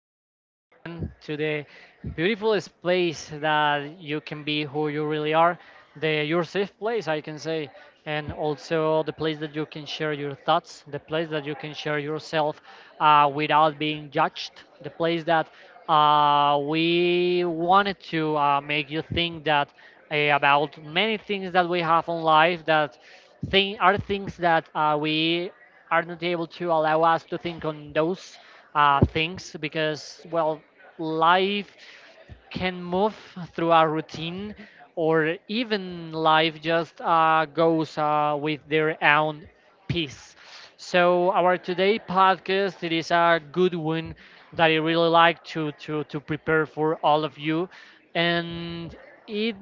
how once again to the beautifulest place that you can be who you really are, the your safe place I can say, and also the place that you can share your thoughts, the place that you can share yourself without being judged, the place that we wanted to make you think that about many things that we have in life that thing are things that we are not able to allow us to think on those things because, well, life can move through our routine or even life just goes with their own pace. So our today podcast it is a good one that I really like to prepare for all of you, and it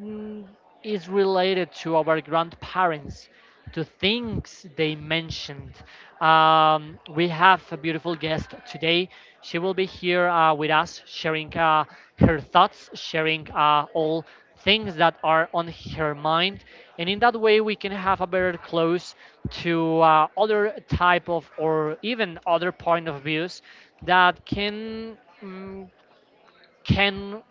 is related to our grandparents, to things they mentioned. We have a beautiful guest today. She will be here with us, sharing her thoughts, sharing all things that are on her mind, and in that way we can have a better close to other type of or even other point of views that can can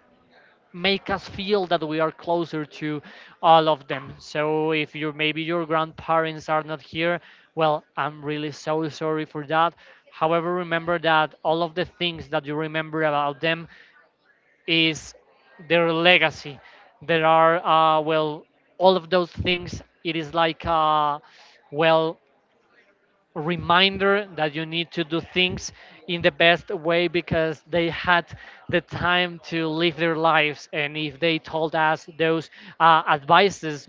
make us feel that we are closer to all of them. So if you maybe your grandparents are not here, well, I'm really so sorry for that. However, remember that all of the things that you remember about them is their legacy. There are well, all of those things. It is like well, reminder that you need to do things in the best way because they had the time to live their lives and if they told us those advices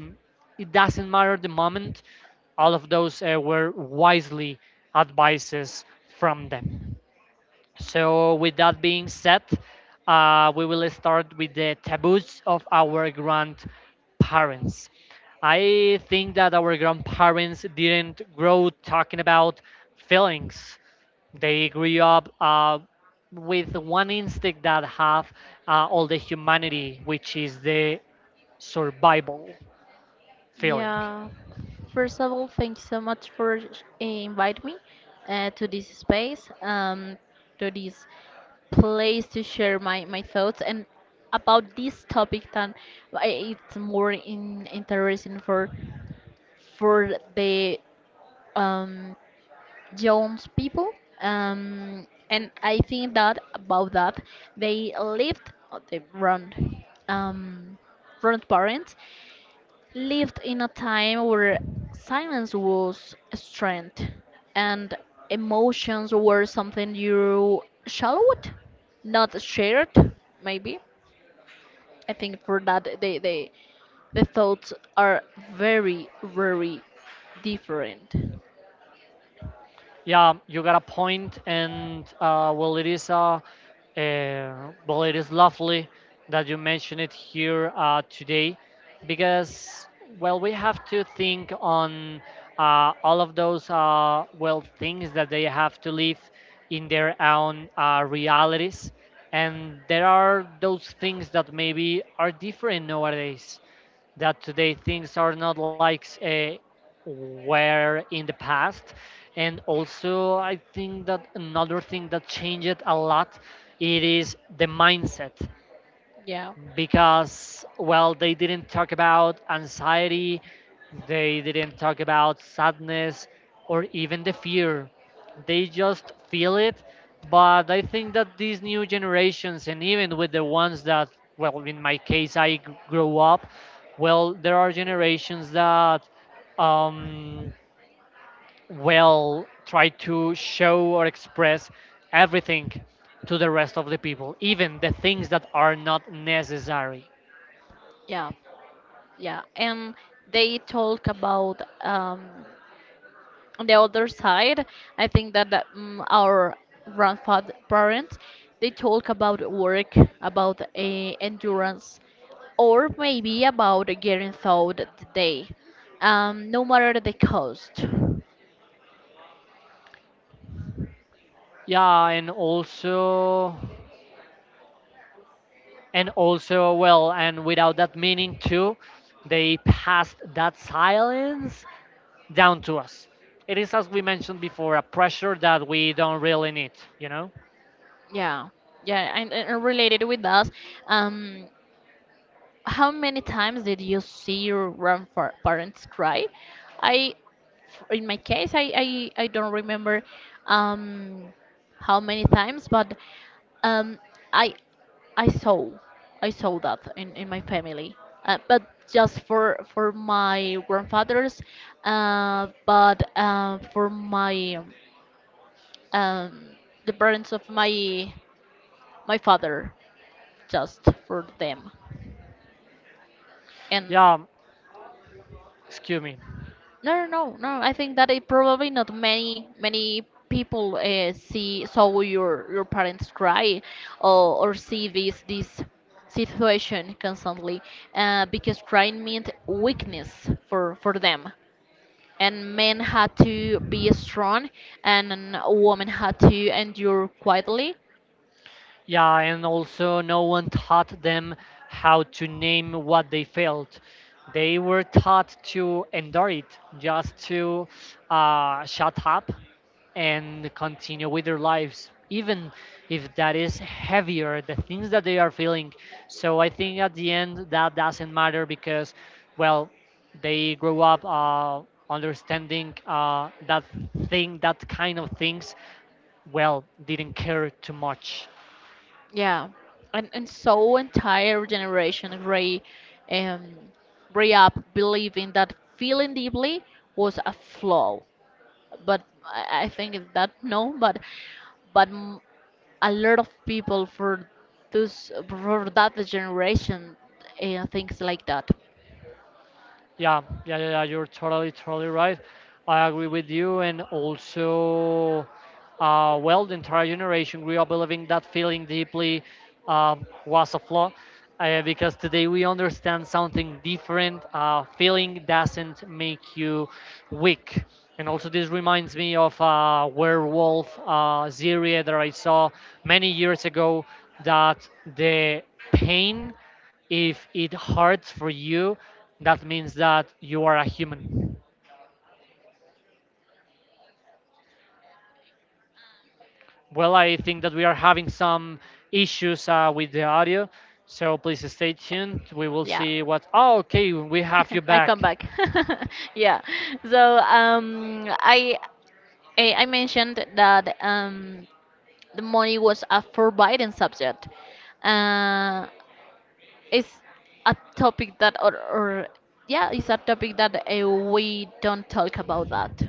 it doesn't matter the moment all of those were wisely advices from them so, with that being said, we will start with the taboos of our grandparents. I think that our grandparents didn't grow talking about feelings. They grew up with one instinct that have all the humanity, which is the survival feeling. Yeah. First of all, thank you so much for invite me to this space, to this place to share my thoughts and about this topic. Then it's more interesting for for the um, young people. And I think that about that, they lived the wrong um, front parents lived in a time where silence was strength and emotions were something you showed, not shared, maybe. I think for that the thoughts are very, very different. Yeah, you got a point, and well, it is lovely that you mention it here today, because well, we have to think on all of those well things that they have to live in their own realities, and there are those things that maybe are different nowadays that today things are not like were in the past. And also, I think that another thing that changed a lot it is the mindset Yeah. because well they didn't talk about anxiety, they didn't talk about sadness or even the fear, they just feel it. But I think that these new generations and even with the ones that, well, in my case grow up, well, there are generations that um, well try to show or express everything to the rest of the people, even the things that are not necessary. Yeah, yeah. And they talk about on the other side, I think that our grandfather parents they talk about work, about endurance, or maybe about getting through the day, no matter the cost. Yeah, and also, well, and without that meaning too, they passed that silence down to us. It is, as we mentioned before, a pressure that we don't really need, you know? Yeah, yeah, and related with us. Um, How many times did you see your grandparents cry? I, in my case, I don't remember um, how many times, but um, I I saw I saw that in my family, but just for my grandfathers, but for my um, the parents of my father, just for them, and Yeah, excuse me. No, no, no, no. I think that it probably not many people see saw your parents cry or see this situation constantly because crying meant weakness for them, and men had to be strong, and a woman had to endure quietly. Yeah, and also no one taught them how to name what they felt. They were taught to endure it, just to shut up and continue with their lives, even if that is heavier, the things that they are feeling. So I think at the end that doesn't matter because, well, they grow up understanding that thing, that kind of things, well, didn't care too much. Yeah, and so entire generation um grew up believing that feeling deeply was a flaw, but I think it's that no, but m- a lot of people for that generation things like that. Yeah, yeah, yeah, yeah. You're totally right. I agree with you. And also, well, the entire generation grew up believing that feeling deeply was a flaw. Because today we understand something different. Feeling doesn't make you weak. And also, this reminds me of a werewolf series that I saw many years ago that the pain, if it hurts for you, that means that you are a human. Well, I think that we are having some issues with the audio, so please stay tuned. We will Yeah. see what. Oh, okay, we have you I back. come back. Yeah, so I mentioned that the money was a forbidden subject. Uh, it's a topic that, or, yeah, it's a topic that we don't talk about that.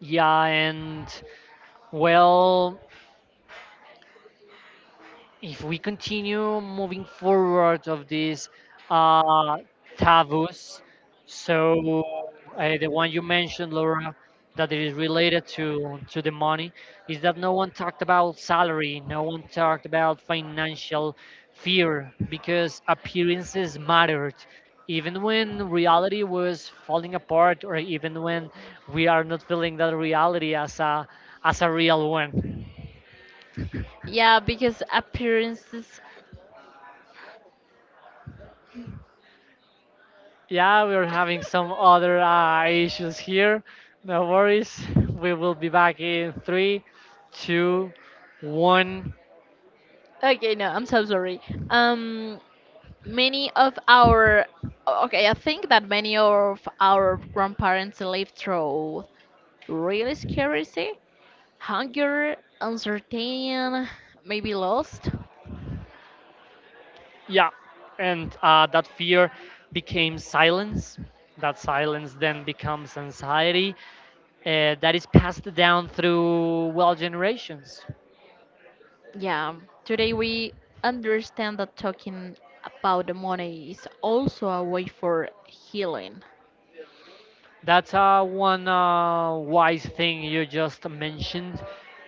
Yeah, and well, if we continue moving forward of these uh, taboos, so the one you mentioned, Laura, that it is related to the money, is that no one talked about salary, no one talked about financial fear because appearances mattered. Even when reality was falling apart, or even when we are not feeling that reality as a real one. Yeah, because appearances. Yeah, we are having some other issues here. No worries. We will be back in three, two, one. Okay, no, I'm so sorry. Um, Many of our. Okay, I think that many of our grandparents lived through real scarcity, hunger, uncertain, maybe lost. Yeah. And that fear became silence. That silence then becomes anxiety that is passed down through, well, generations. Yeah, today we understand that talking about the money is also a way for healing. That's one wise thing you just mentioned.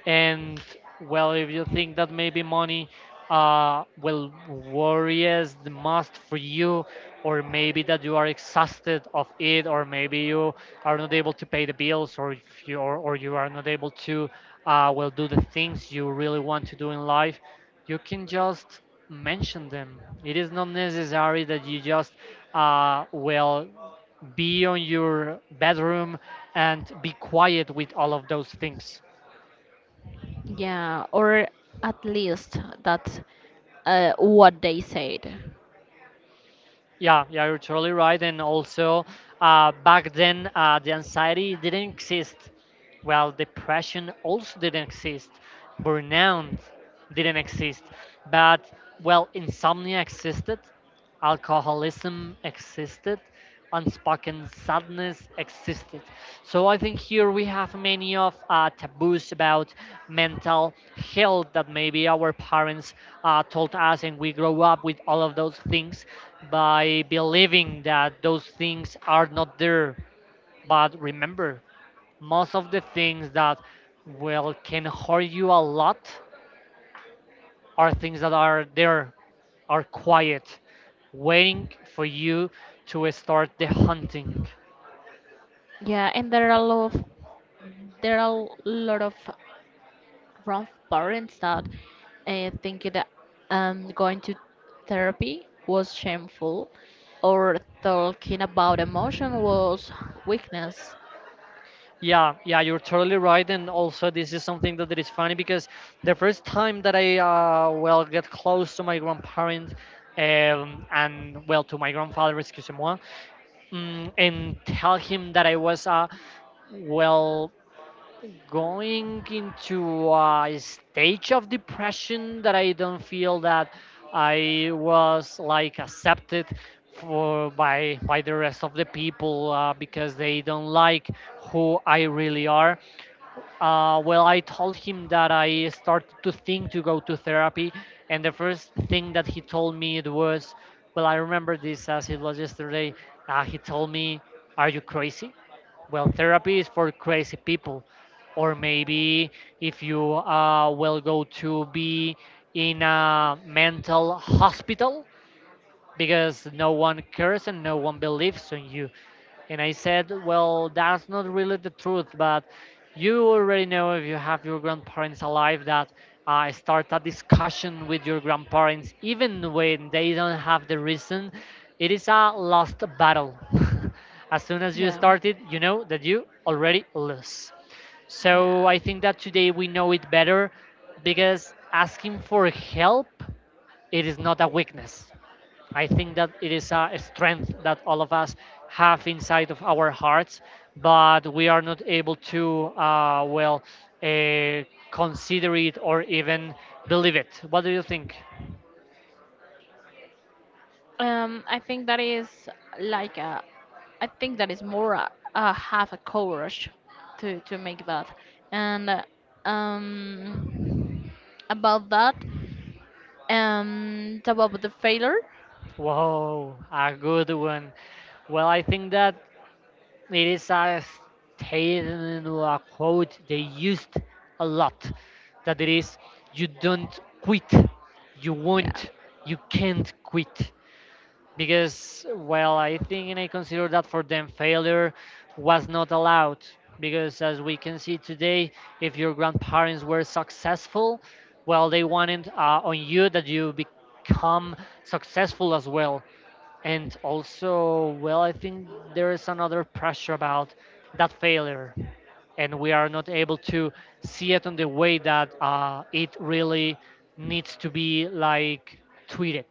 And well, if you think that maybe money will worries the most for you, or maybe that you are exhausted of it, or maybe you are not able to pay the bills, or if or you are not able to well do the things you really want to do in life, you can just mention them. It is not necessary that you just well be on your bedroom and be quiet with all of those things. Yeah, or at least that's what they said. Yeah, yeah, you're totally right. And also, back then the anxiety didn't exist, well, depression also didn't exist, burnout didn't exist, but, well, insomnia existed, alcoholism existed, unspoken sadness existed. So I think here we have many of taboos about mental health that maybe our parents told us, and we grow up with all of those things by believing that those things are not there. But remember, most of the things that, well, can hurt you a lot, are things that are there, are quiet, waiting for you to start the hunting. Yeah, and there are a lot of there are a lot of grandparents that think that going to therapy was shameful, or talking about emotion was weakness. Yeah, yeah, you're totally right. And also this is something that it is funny because the first time that I well get close to my grandparent, and well to my grandfather, excuse me, and tell him that I was well going into a stage of depression, that I don't feel that I was like accepted for by the rest of the people because they don't like who I really are. Well, I told him that I started to think to go to therapy, and the first thing that he told me it was, well, I remember this as it was yesterday. He told me, "Are you crazy? Well, therapy is for crazy people, or maybe if you will go to be in a mental hospital because no one cares and no one believes on you." And I said, well, that's not really the truth, but you already know if you have your grandparents alive that start a discussion with your grandparents, even when they don't have the reason. It is a lost battle. As soon as you Yeah, start it, you know that you already lose. So yeah. I think that today we know it better because asking for help, it is not a weakness. I think that it is a strength that all of us have inside of our hearts, but we are not able to, uh, consider it or even believe it. What do you think? I think that is like I think that is more a have a courage to make that, and um about that, about the failure. Whoa, a good one. Well, I think that it is a statement or a quote they used a lot, that it is, you don't quit, you Yeah. won't, you can't quit. Because, well, I think and I consider that for them failure was not allowed, because as we can see today, if your grandparents were successful, well, they wanted on you that you become successful as well. And also, well, I think there is another pressure about that failure, and we are not able to see it on the way that it really needs to be like treated.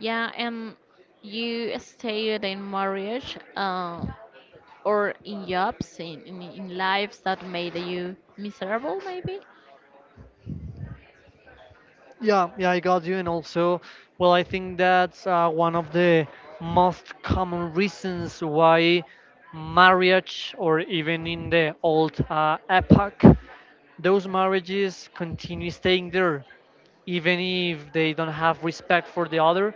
Yeah, and you stayed in marriage or in jobs, in lives that made you miserable, maybe? Yeah, yeah, I got you. And also, well, I think that's one of the most common reasons why marriage, or even in the old epoch, those marriages continue staying there, even if they don't have respect for the other,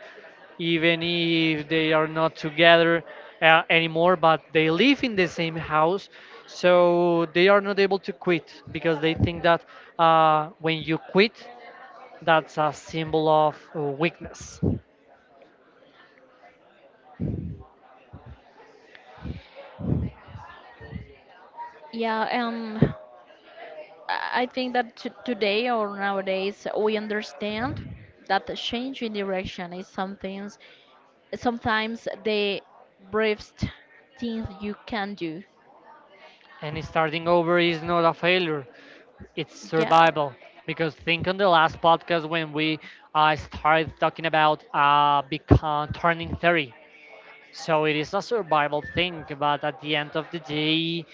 even if they are not together anymore, but they live in the same house. So they are not able to quit because they think that when you quit, that's a symbol of weakness. Yeah, and I think that t today or nowadays we understand that the change in direction is something, sometimes the bravest thing you can do. And starting over is not a failure, it's Yeah, survival. Because think on the last podcast when we started talking about turning 30. So it is a survival thing, but at the end of the day,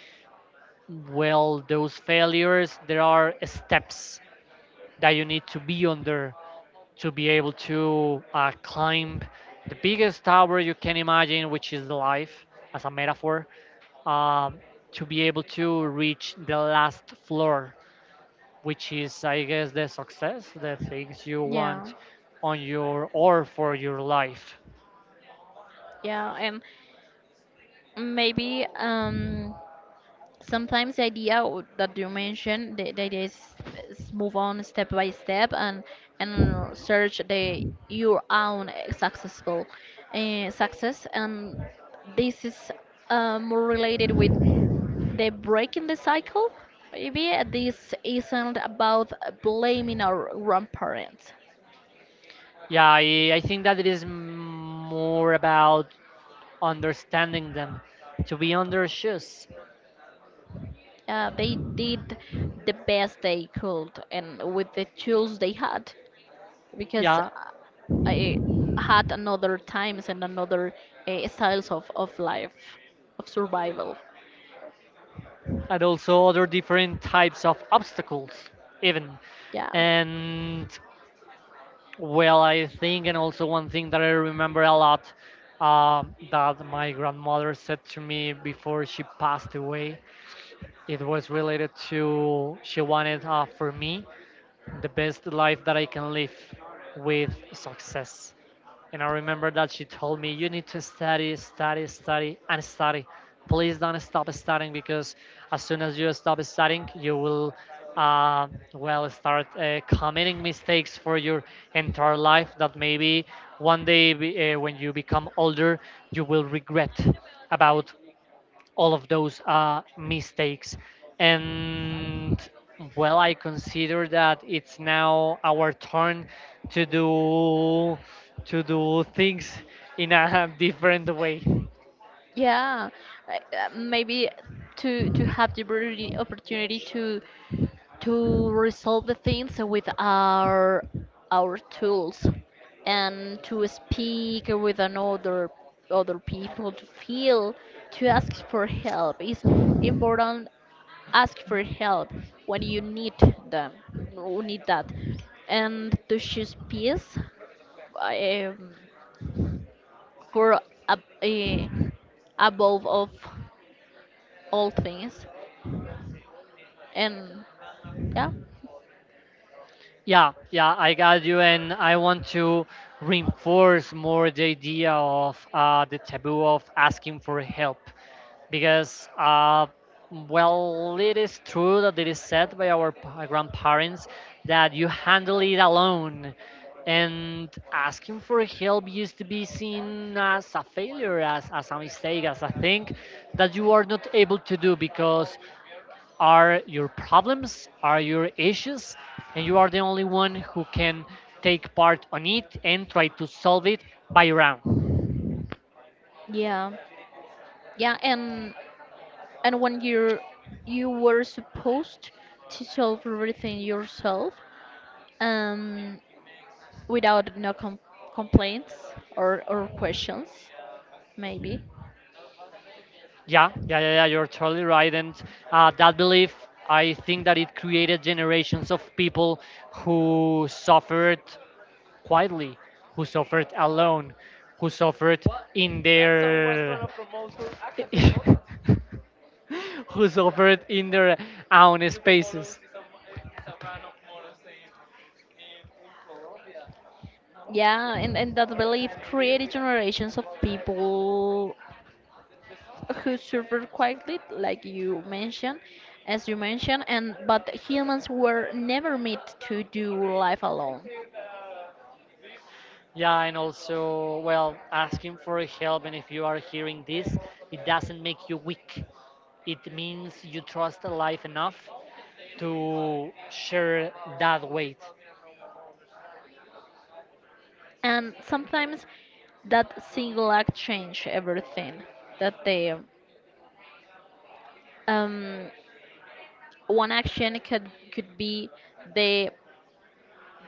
well, those failures, there are steps that you need to be under to be able to climb the biggest tower you can imagine, which is life, as a metaphor, um, to be able to reach the last floor, which is, I guess, the success, the things you yeah, want on your or for your life. yeah, and maybe sometimes the idea that you mentioned, the idea is move on step by step, and search the your own success, and this is more related with the breaking the cycle. Maybe this isn't about blaming our grandparents. Yeah, I think that more about understanding them, to be on their shoes. They did the best they could and with the tools they had, because Yeah, I had another times and another styles of life, of survival. and also other different types of obstacles, even. Yeah, And Well, I think, and also one thing that I remember a lot that my grandmother said to me before she passed away, it was related to she wanted for me the best life that I can live with success. And I remember that she told me, you need to study, study, study, and study. Please don't stop studying because as soon as you stop studying, you will, uh, well, start committing mistakes for your entire life that maybe one day when you become older, you will regret about all of those mistakes. And well, I consider that it's now our turn to do to do things in a different way. yeah. Maybe to have the opportunity to resolve the things with our tools, and to speak with another other people to ask for help is important. Ask for help when you need them, need that, and to choose peace, um, for ab- eh, above of all things, and yeah. Yeah, yeah, I got you, and I want to reinforce more the idea of the taboo of asking for help, because well, it is true that it is said by our grandparents that you handle it alone, and asking for help used to be seen as a failure, as a mistake, as a thing that you are not able to do because are your problems, are your issues, and you are the only one who can take part on it and try to solve it by your own. Yeah, yeah, and when you were supposed to solve everything yourself, um without no complaints or questions, maybe. Yeah, yeah, yeah, yeah, you're totally right. And that belief, I think that it created generations of people who suffered quietly, who suffered alone, who suffered in their. Who's offered in their own spaces. Yeah, and that belief created generations of people who suffered quietly, as you mentioned, and but humans were never meant to do life alone. Yeah, and also, well, asking for help, and if you are hearing this, it doesn't make you weak. It means you trust life enough to share that weight. And sometimes that single act changed everything. That the um, one action could be the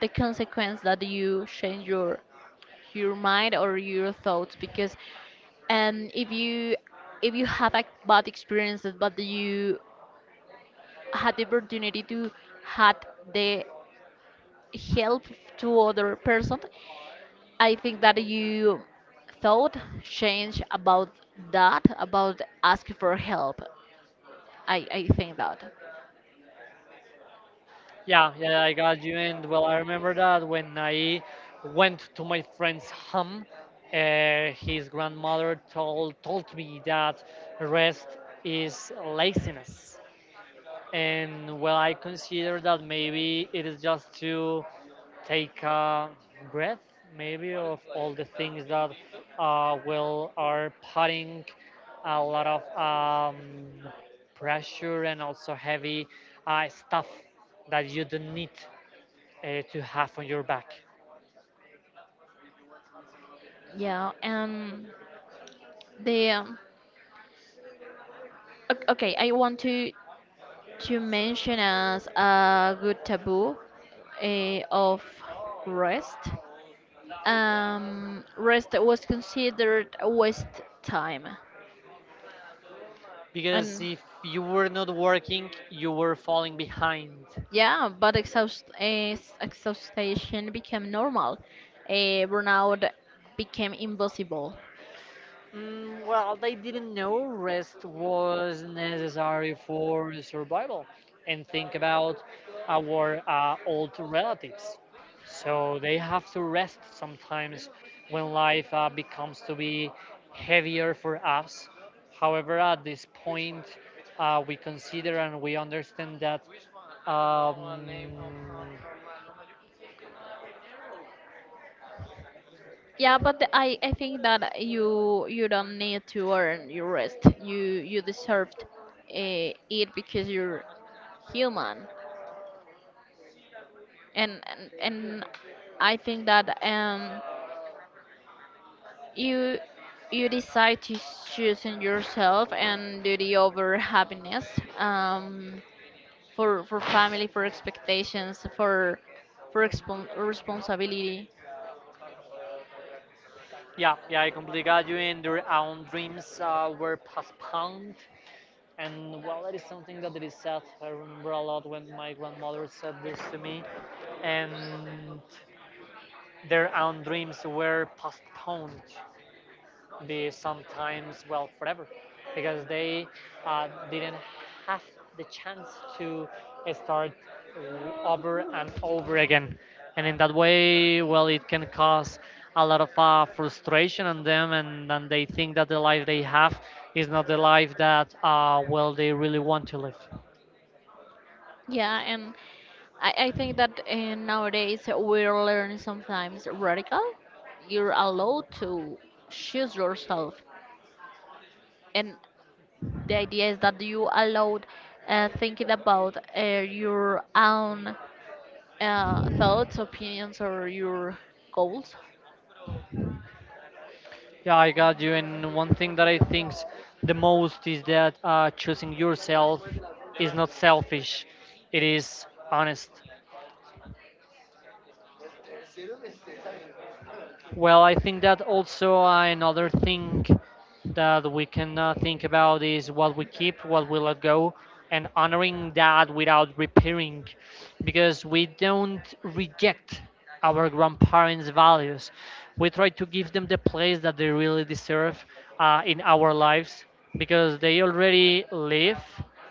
the consequence that you change your mind or your thoughts, because um if you if you have a bad experiences but you had the opportunity to had the help to other person, I think that you thought change about that, about asking for help. I think that, Yeah, yeah, I got you. And well, I remember that when I went to my friend's home, his grandmother told me that rest is laziness. And well, I consider that maybe it is just to take a breath, maybe, of all the things that will are putting a lot of um, pressure and also heavy stuff that you don't need to have on your back. yeah, and the okay, I want to mention as a good taboo of rest. Rest was considered a waste time, Because and if you were not working, you were falling behind. yeah, but exhaustion became normal. Burnout became impossible. Mm, well, they didn't know rest was necessary for survival, and think about our old relatives. So they have to rest sometimes when life becomes to be heavier for us. However, at this point, we consider and we understand that. Um, Yeah, but I think that you don't need to earn your rest. You deserved it because you're human. And I think that you you decide to choosing yourself and duty over happiness, for family, for expectations, for expon responsibility. yeah, yeah, I completely got you, and their own dreams were postponed. And well, that is something that it is sad. I remember a lot when my grandmother said this to me, and their own dreams were postponed, be sometimes well forever, because they didn't have the chance to start over and over again. And in that way, well, it can cause a lot of frustration on them, and they think that the life they have is not the life that well they really want to live. Yeah, and I think that nowadays we're learning sometimes radical, you're allowed to choose yourself. And the idea is that you allowed thinking about your own thoughts, opinions, or your goals. Yeah, I got you. And one thing that I think the most is that choosing yourself is not selfish, it is honest. Well, I think that also another thing that we can think about is what we keep, what we let go, and honoring that without repairing, because we don't reject our grandparents' values. We try to give them the place that they really deserve in our lives because they already live,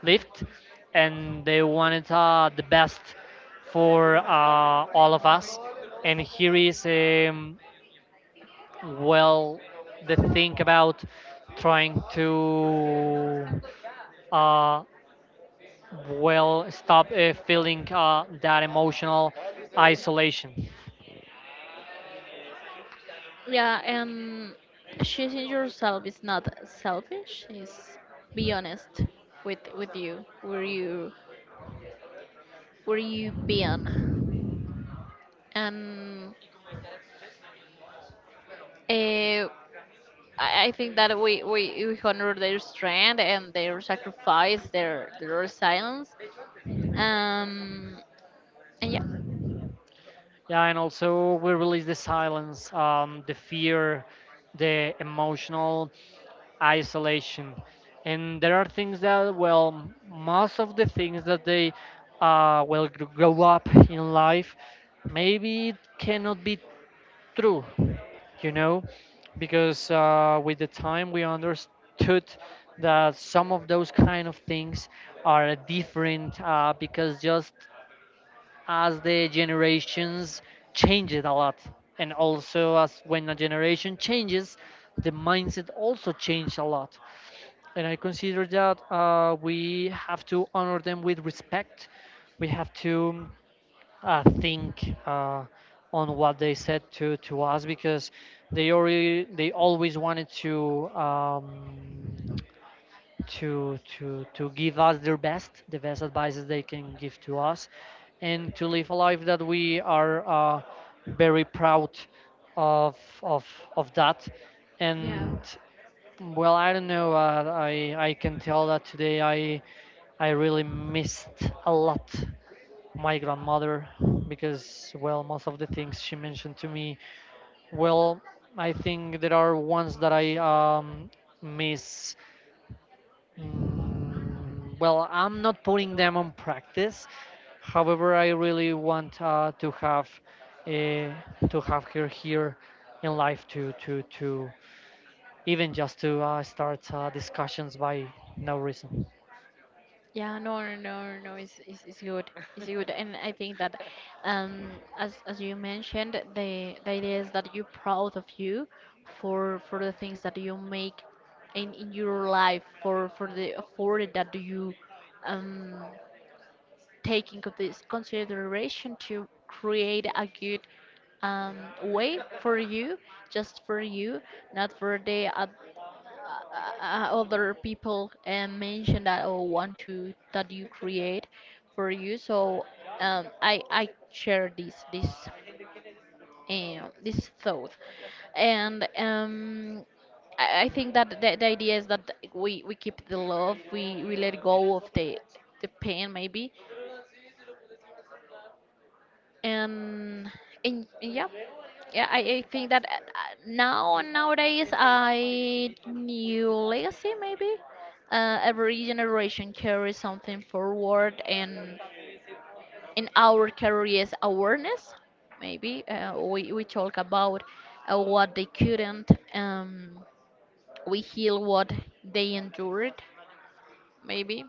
lived, and they wanted the best for all of us. And here is well the think about trying to uh, well stop feeling that emotional isolation. Yeah, and choosing yourself is not selfish. Is be honest with you, where you been, and uh, I I think that we honor their strength and their sacrifice, their resilience, um, and yeah. Yeah, and also we release the silence, the fear, the emotional isolation, and there are things that well most of the things that they will grow up in life maybe it cannot be true, you know, because with the time we understood that some of those kind of things are different because just as the generations changed a lot, and also as when a generation changes, the mindset also changed a lot. And I consider that we have to honor them with respect. We have to think on what they said to us because they always wanted to to give us their best, the best advices they can give to us, and to live a life that we are very proud of of of that. Yeah, And well, I don't know. I can tell that today I really missed a lot my grandmother because well most of the things she mentioned to me well I think there are ones that I miss. Mm, well I'm not putting them on practice, however I really want uh, to have her here in life to even just to start discussions by no reason. yeah, no, no, no, no, it's it's good, and I think that, um, as you mentioned, the idea is that you're proud of you for the things that you make in your life, for the effort that you um take into this consideration to create a good, um, way for you, just for you, not for the other people mention that or want to that you create for you. So I share this thought, and I think that the idea is that we keep the love, we let go of the pain, maybe. And and yeah, yeah, I think that nowadays I new legacy, maybe. Every generation carries something forward, and in our careers awareness, maybe we talk about what they couldn't. We heal what they endured, maybe.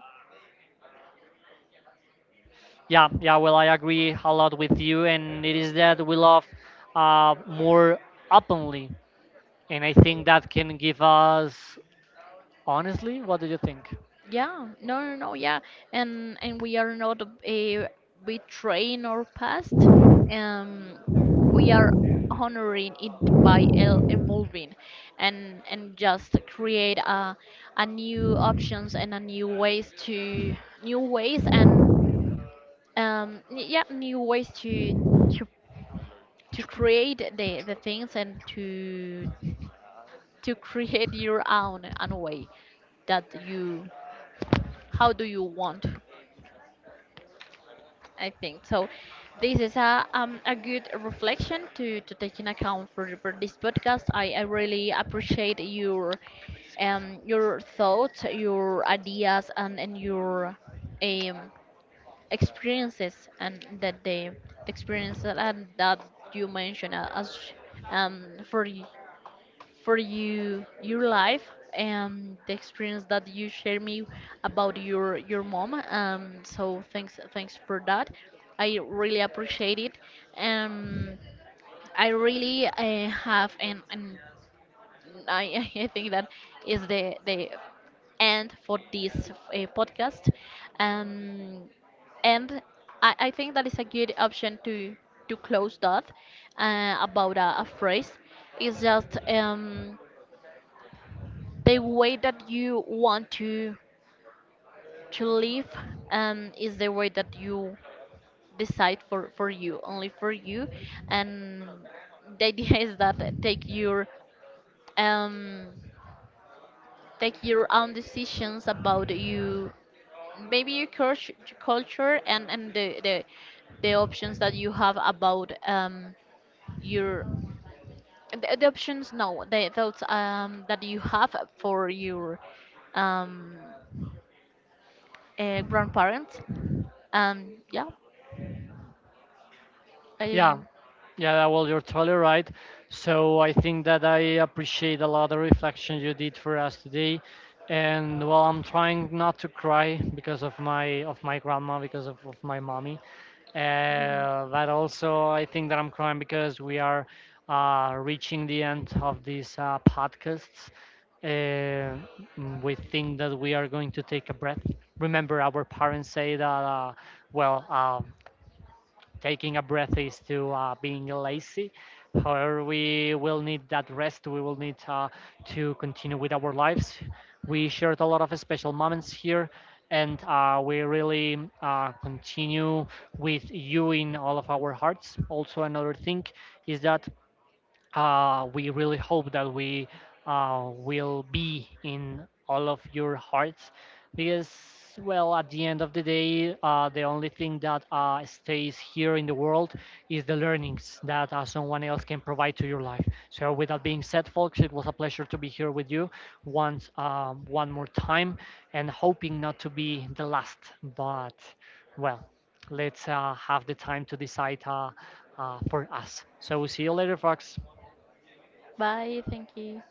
Yeah, yeah. Well, I agree a lot with you, and it is that we love more openly, and I think that can give us honestly. What do you think? Yeah, no, no, no, yeah, and we are not betraying our past, um, we are honoring it by evolving, and just create a new options and a new ways to new ways and yeah, new ways to to create the things, and to create your own way that you how do you want, I think so. This is a good reflection to take in account for this podcast. I really appreciate your thoughts, your ideas, and your um experiences, and that the experience that, and that you mentioned as um for you for you your life, and the experience that you share me about your mom. So thanks for that. I really appreciate it. Um, I really have I think that is the end for this podcast. Um, and I think that is a good option to close that, about a phrase. It's just, the way that you want to live, is the way that you decide for you, only for you, and the idea is that um take your own decisions about you, maybe your culture, and the options that you have about your the options, no, the thoughts that you have for your um grandparents. Yeah, I Yeah, didn't. yeah. Well, you're totally right. So I think that I appreciate a lot the reflection you did for us today, and well, I'm trying not to cry because of my grandma because of my mommy. Mhm. But also, I think that I'm crying because we are reaching the end of these podcasts. We think that we are going to take a breath. Remember, our parents say that, well, taking a breath is to being lazy. However, we will need that rest. We will need to continue with our lives. We shared a lot of special moments here, and we really continue with you in all of our hearts. Also, another thing is that we really hope that we will be in all of your hearts because, well, at the end of the day, the only thing that stays here in the world is the learnings that someone else can provide to your life. So, with that being said, folks, it was a pleasure to be here with you once, one more time, and hoping not to be the last. But, well, let's have the time to decide for us. So, see you later, folks. Bye, thank you.